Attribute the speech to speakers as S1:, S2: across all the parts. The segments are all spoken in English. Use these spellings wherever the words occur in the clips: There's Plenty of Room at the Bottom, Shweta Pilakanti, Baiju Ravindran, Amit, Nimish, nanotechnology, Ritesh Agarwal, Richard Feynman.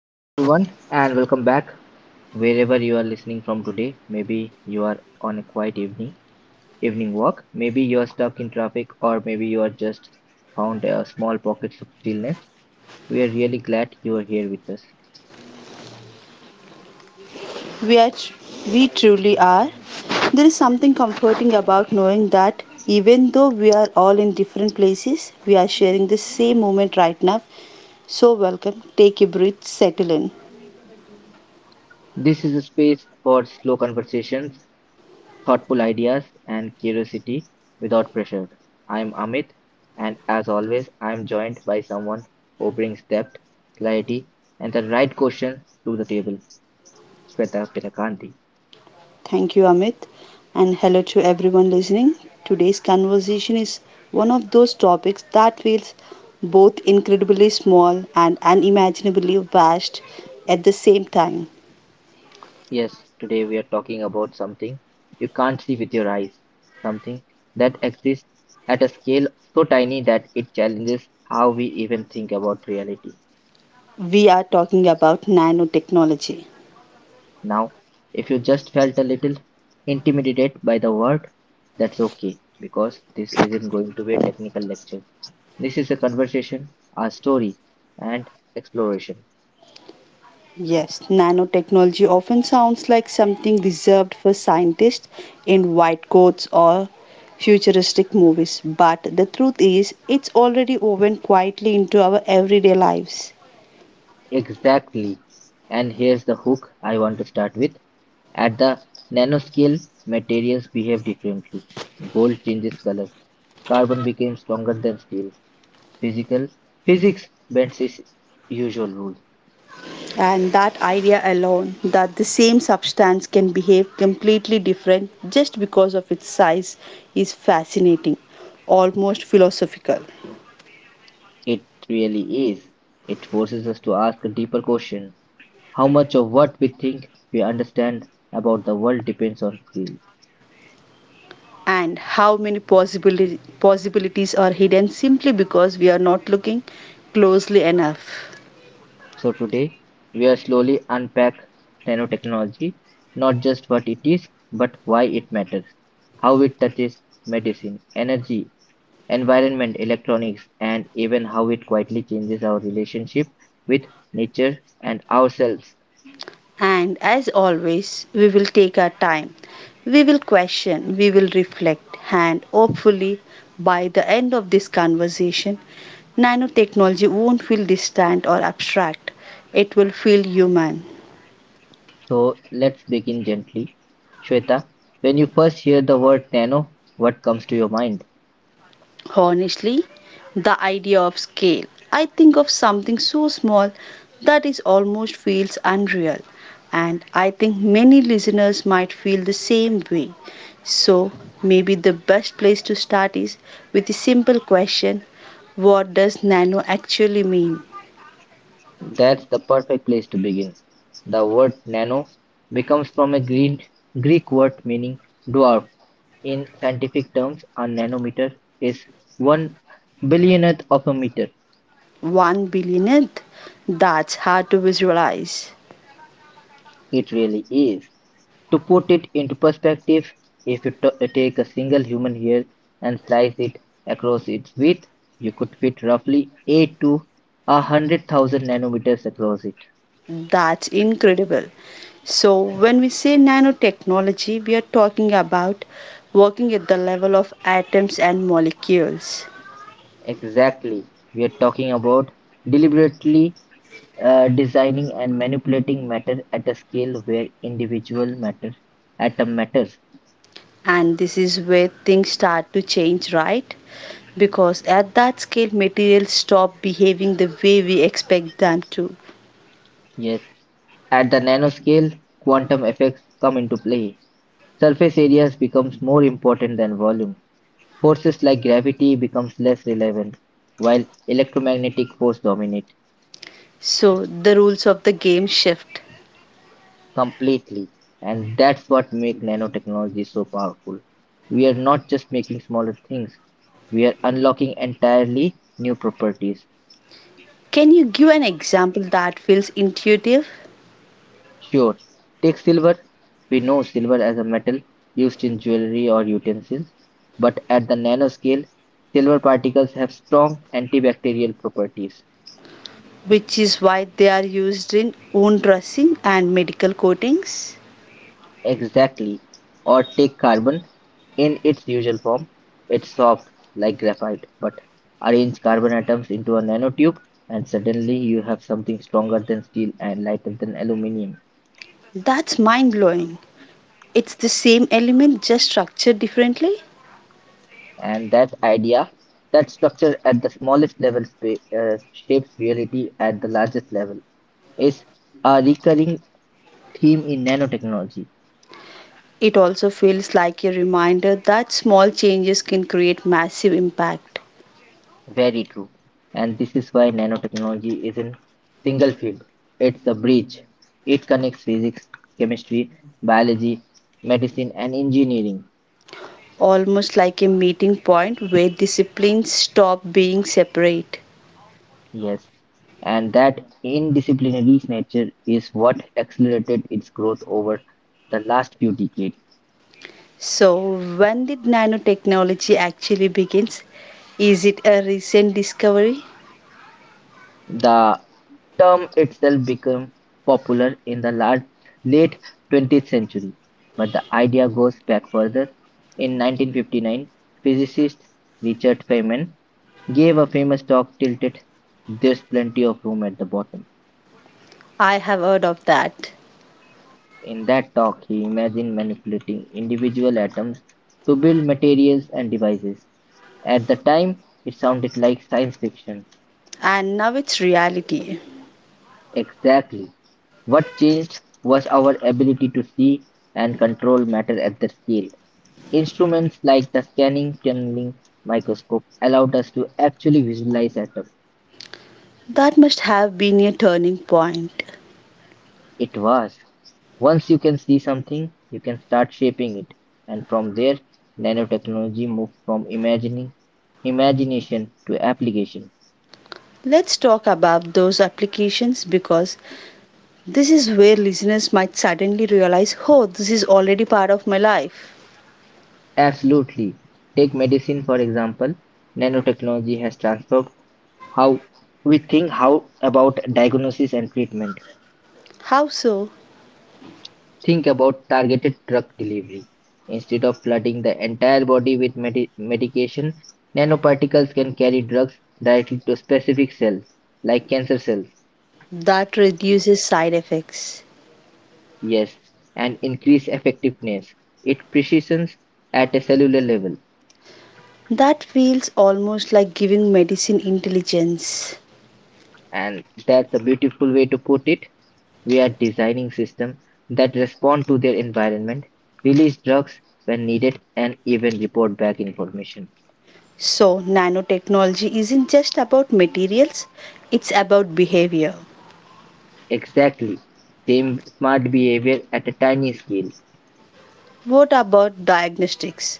S1: Hello, everyone, and welcome back. Wherever you are listening from today, maybe you are on a quiet evening walk, maybe you are stuck in traffic, or maybe you are just found a small pockets of stillness. We are really glad you are here with us.
S2: we are tr- we truly are. There is something comforting about knowing that, even though we are all in different places, we are sharing the same moment right now. So welcome, take a breath, settle in.
S1: This is a space for slow conversations, thoughtful ideas, and curiosity without pressure. I am Amit, and as always, I am joined by someone who brings depth, clarity, and the right question to the table, Shweta Pilakanti.
S2: Thank you, Amit, and hello to everyone listening. Today's conversation is one of those topics that feels both incredibly small and unimaginably vast at the same time.
S1: Yes, today we are talking about something you can't see with your eyes, something that exists at a scale so tiny that it challenges how we even think about reality.
S2: We are talking about nanotechnology.
S1: Now, if you just felt a little intimidated by the word, that's okay because this isn't going to be a technical lecture. This is a conversation, a story, and exploration.
S2: Yes, nanotechnology often sounds like something reserved for scientists in white coats or futuristic movies, but the truth is, it's already woven quietly into our everyday lives.
S1: Exactly. And here's the hook I want to start with. At the nanoscale, materials behave differently. Gold changes color. Carbon becomes stronger than steel. Physical Physics bends its usual rules.
S2: And that idea alone, that the same substance can behave completely different just because of its size, is fascinating, almost philosophical.
S1: It really is. It forces us to ask a deeper question. How much of what we think we understand about the world depends on skill.
S2: And how many possibilities are hidden simply because we are not looking closely enough.
S1: So today, we are slowly unpack nanotechnology, not just what it is, but why it matters, how it touches medicine, energy, environment, electronics, and even how it quietly changes our relationship with nature and ourselves.
S2: And as always, we will take our time. We will question, we will reflect, and hopefully, by the end of this conversation, nanotechnology won't feel distant or abstract. It will feel human.
S1: So let's begin gently. Shweta, when you first hear the word nano, what comes to your mind?
S2: Honestly, the idea of scale. I think of something so small that it almost feels unreal, and I think many listeners might feel the same way. So, maybe the best place to start is with a simple question. What does nano actually mean?
S1: That's the perfect place to begin. The word nano becomes from a Greek word meaning dwarf. In scientific terms, a nanometer is one billionth of a meter.
S2: One billionth? That's hard to visualize.
S1: It really is. To put it into perspective, if you take a single human hair and slice it across its width, you could fit roughly 8 to 100,000 nanometers across it.
S2: That's incredible. So, when we say nanotechnology, we are talking about working at the level of atoms and molecules.
S1: Exactly. We are talking about deliberately designing and manipulating matter at a scale where individual matter atom matters.
S2: And this is where things start to change, right? Because at that scale, materials stop behaving the way we expect them to.
S1: Yes. At the nanoscale, quantum effects come into play. Surface areas becomes more important than volume. Forces like gravity becomes less relevant, while electromagnetic force dominate
S2: So, the rules of the game shift.
S1: completely. And that's what makes nanotechnology so powerful. We are not just making smaller things, we are unlocking entirely new properties.
S2: Can you give an example that feels intuitive,
S1: Sure, take silver. We know silver as a metal used in jewelry or utensils, but at the nanoscale, silver particles have strong antibacterial properties.
S2: which is why they are used in wound dressing and medical coatings?
S1: Exactly. Or take carbon in its usual form. It's soft, like graphite, but arrange carbon atoms into a nanotube, and suddenly you have something stronger than steel and lighter than aluminium.
S2: That's mind blowing. It's the same element, just structured differently.
S1: And that idea, that structure at the smallest level shapes reality at the largest level, is a recurring theme in nanotechnology.
S2: It also feels like a reminder that small changes can create massive impact,
S1: Very true. And this is why nanotechnology isn't single field. It's a bridge. It connects physics, chemistry, biology, medicine, and engineering.
S2: almost like a meeting point where disciplines stop being separate.
S1: Yes. And that indisciplinary nature is what accelerated its growth over the last few decades.
S2: So, when did nanotechnology actually begins? Is it a recent discovery?
S1: The term itself became popular in the late 20th century, but the idea goes back further. In 1959, physicist Richard Feynman gave a famous talk titled "There's Plenty of Room at the Bottom".
S2: I have heard of that.
S1: In that talk, he imagined manipulating individual atoms to build materials and devices. At the time, it sounded like science fiction.
S2: And now it's reality.
S1: Exactly. What changed was our ability to see and control matter at the scale. Instruments like the scanning tunneling microscope allowed us to actually visualize atoms.
S2: That must have been a turning point.
S1: It was. Once you can see something, you can start shaping it, and from there, nanotechnology moved from imagining imagination to application.
S2: Let's talk about those applications, because this is where listeners might suddenly realize, oh, this is already part of my life.
S1: Absolutely. Take medicine for example. Nanotechnology has transformed how we think how about diagnosis and treatment.
S2: How so?
S1: Think about targeted drug delivery. Instead of flooding the entire body with medication, nanoparticles can carry drugs directly to specific cells like cancer cells.
S2: That reduces side effects.
S1: Yes, and increase effectiveness. It precisions at a cellular level.
S2: That feels almost like giving medicine intelligence.
S1: And that's a beautiful way to put it. We are designing systems that respond to their environment, release drugs when needed, and even report back information.
S2: So, nanotechnology isn't just about materials, it's about behavior.
S1: Exactly. Same smart behavior at a tiny scale.
S2: What about diagnostics?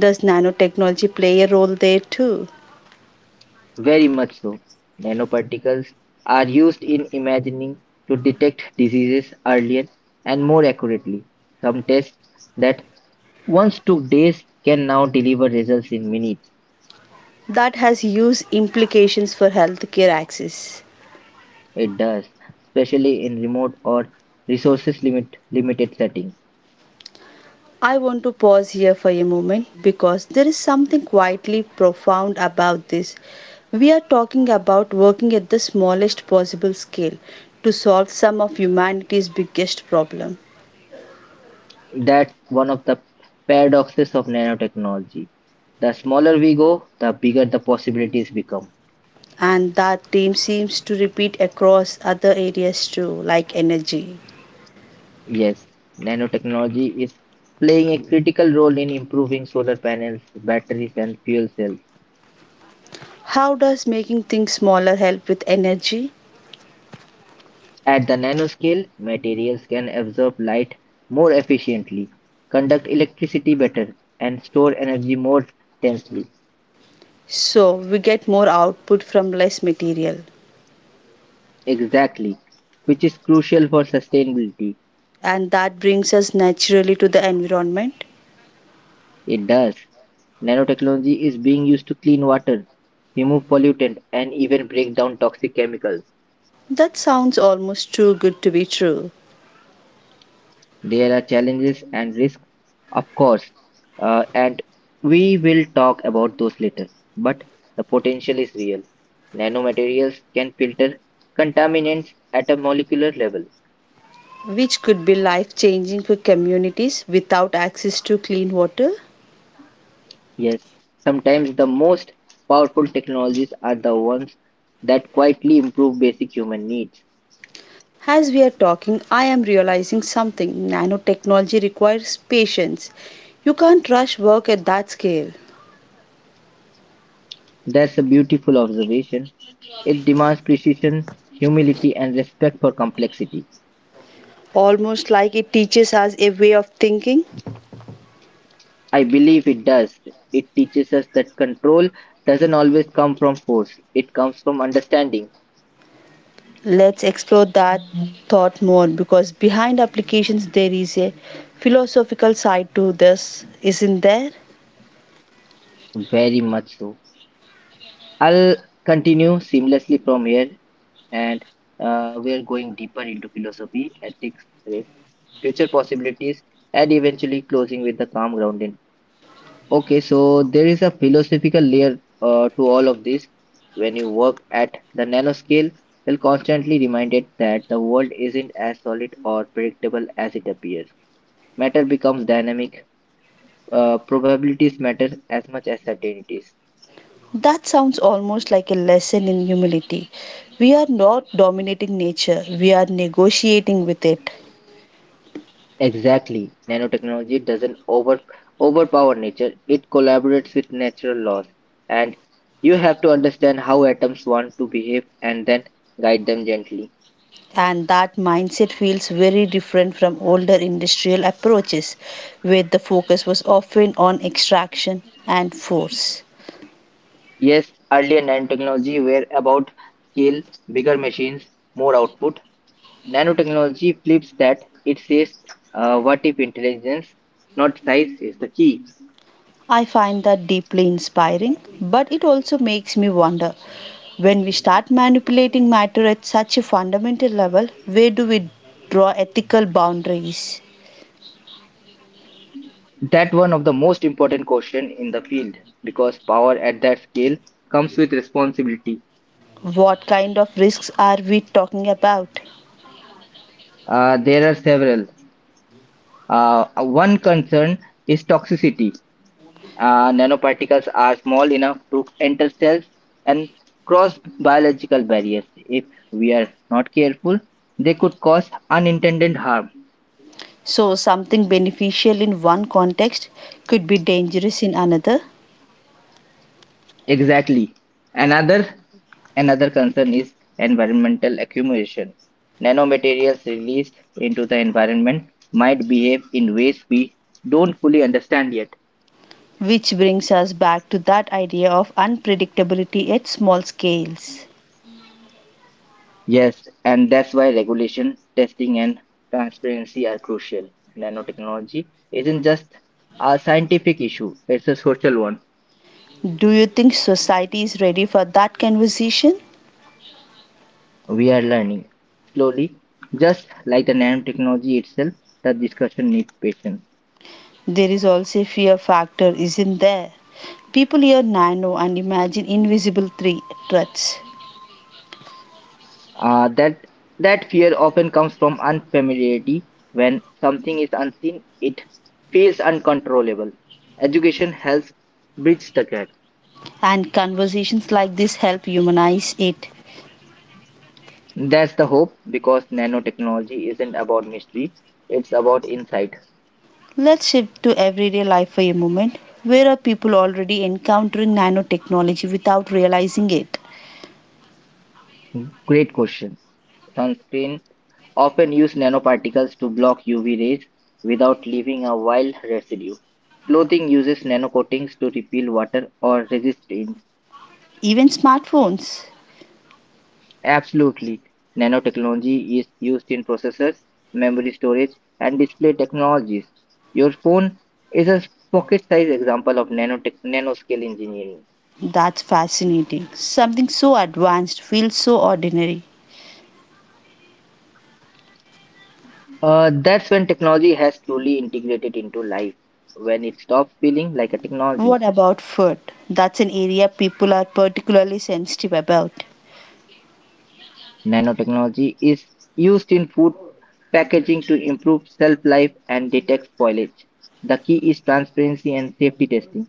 S2: Does nanotechnology play a role there too?
S1: Very much so. Nanoparticles are used in imagining to detect diseases earlier and more accurately. Some tests that once took days can now deliver results in minutes.
S2: That has huge implications for healthcare access.
S1: It does, especially in remote or resources limit limited settings.
S2: I want to pause here for a moment, because there is something quietly profound about this. We are talking about working at the smallest possible scale to solve some of humanity's biggest problems.
S1: That's one of the paradoxes of nanotechnology. The smaller we go, the bigger the possibilities become.
S2: And that theme seems to repeat across other areas too, like energy.
S1: Yes, nanotechnology is playing a critical role in improving solar panels, batteries, and fuel cells.
S2: How does making things smaller help with energy?
S1: At the nanoscale, materials can absorb light more efficiently, conduct electricity better, and store energy more densely.
S2: So we get more output from less material.
S1: Exactly, which is crucial for sustainability.
S2: And that brings us naturally to the environment.
S1: It does. Nanotechnology is being used to clean water, remove pollutant, and even break down toxic chemicals.
S2: That sounds almost too good to be true.
S1: There are challenges and risks, of course, and we will talk about those later. But the potential is real. Nanomaterials can filter contaminants at a molecular level.
S2: Which could be life changing for communities without access to clean water.
S1: Yes, sometimes the most powerful technologies are the ones that quietly improve basic human needs.
S2: As we are talking, I am realizing something: nanotechnology requires patience. You can't rush work at that scale.
S1: That's a beautiful observation. It demands precision, humility, and respect for complexity.
S2: Almost like it teaches us a way of thinking.
S1: I believe it does. It teaches us that control doesn't always come from force, it comes from understanding.
S2: Let's explore that thought more, because behind applications there is a philosophical side to this, isn't there?
S1: Very much so. I'll continue seamlessly from here, and we're going deeper into philosophy, ethics, risk, future possibilities, and eventually closing with the calm grounding. Okay, so there is a philosophical layer to all of this. When you work at the nanoscale, you're constantly reminded that the world isn't as solid or predictable as it appears. Matter becomes dynamic. Probabilities matter as much as certainties.
S2: That sounds almost like a lesson in humility. We are not dominating nature, we are negotiating with it.
S1: Exactly. Nanotechnology doesn't overpower nature. It collaborates with natural laws. And you have to understand how atoms want to behave and then guide them gently.
S2: And that mindset feels very different from older industrial approaches, where the focus was often on extraction and force.
S1: Yes, earlier nanotechnology were about scale, bigger machines, more output. Nanotechnology flips that. It says, what if intelligence, not size, is the key?
S2: I find that deeply inspiring, but it also makes me wonder, when we start manipulating matter at such a fundamental level, where do we draw ethical boundaries?
S1: That one of the most important question in the field because power at that scale comes with responsibility.
S2: What kind of risks are we talking about?
S1: There are several. One concern is toxicity. Nanoparticles are small enough to enter cells and cross biological barriers. If we are not careful, they could cause unintended harm.
S2: So, something beneficial in one context could be dangerous in another.
S1: Exactly. Another Another concern is environmental accumulation. Nanomaterials released into the environment might behave in ways we don't fully understand yet.
S2: Which brings us back to that idea of unpredictability at small scales.
S1: Yes, and that's why regulation, testing, and transparency are crucial. Nanotechnology isn't just a scientific issue, it's a social one.
S2: Do you think society is ready for that conversation?
S1: We are learning slowly, just like the nanotechnology itself, the discussion needs patience.
S2: There is also a fear factor, isn't there? People hear nano and imagine invisible threats,
S1: That that fear often comes from unfamiliarity. When something is unseen, it feels uncontrollable. Education helps bridge the gap.
S2: and conversations like this help humanize it.
S1: That's the hope because nanotechnology isn't about mystery, it's about insight.
S2: Let's shift to everyday life for a moment. Where are people already encountering nanotechnology without realizing it?
S1: Great question. Sunscreen often use nanoparticles to block UV rays without leaving a wild residue. Clothing uses nanocoatings to repel water or resist.
S2: Even smartphones.
S1: Absolutely. Nanotechnology is used in processors, memory storage, and display technologies. Your phone is a pocket-sized example of nanotech nanoscale engineering.
S2: That's fascinating. Something so advanced feels so ordinary.
S1: That's when technology has truly integrated into life, when it stops feeling like a technology.
S2: What about food? That's an area people are particularly sensitive about.
S1: Nanotechnology is used in food packaging to improve shelf life and detect spoilage. The key is transparency and safety testing.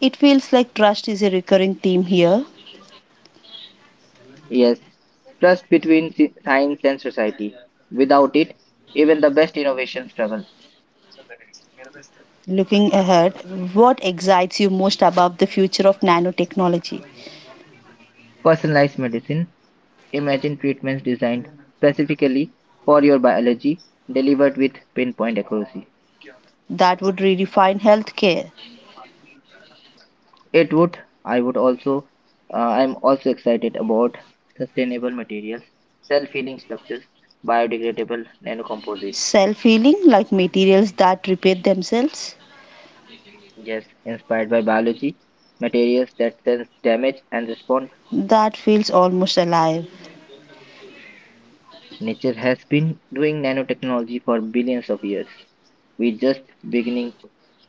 S2: It feels like trust is a recurring theme here.
S1: Yes, trust between science and society. Without it, even the best innovations struggle.
S2: Looking ahead, what excites you most about the future of nanotechnology?
S1: Personalized medicine. Imagine treatments designed specifically for your biology, delivered with pinpoint accuracy.
S2: That would redefine healthcare?
S1: It would, I would also, I'm also excited about sustainable materials, self healing structures, biodegradable nanocomposites.
S2: Self healing, like materials that repeat themselves?
S1: Yes, inspired by biology, materials that sense damage and respond,
S2: That feels almost alive.
S1: nature has been doing nanotechnology for billions of years. We're just beginning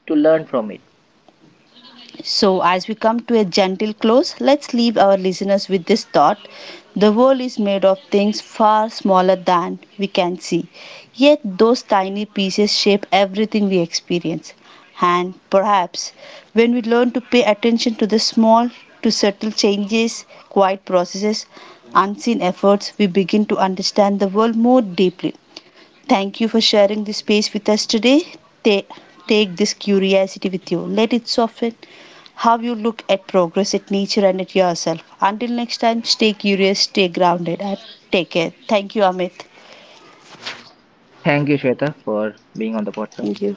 S1: to learn from it.
S2: So as we come to a gentle close, let's leave our listeners with this thought: the world is made of things far smaller than we can see, yet those tiny pieces shape everything we experience. And perhaps when we learn to pay attention to the small, to subtle changes, quiet processes, unseen efforts, we begin to understand the world more deeply. Thank you for sharing this space with us today. Ta- Take this curiosity with you. Let it soften how you look at progress, at nature, and at yourself. Until next time, stay curious, stay grounded, and take care. Thank you, Amit.
S1: Thank you, Shweta, for being on the podcast.
S2: Thank you.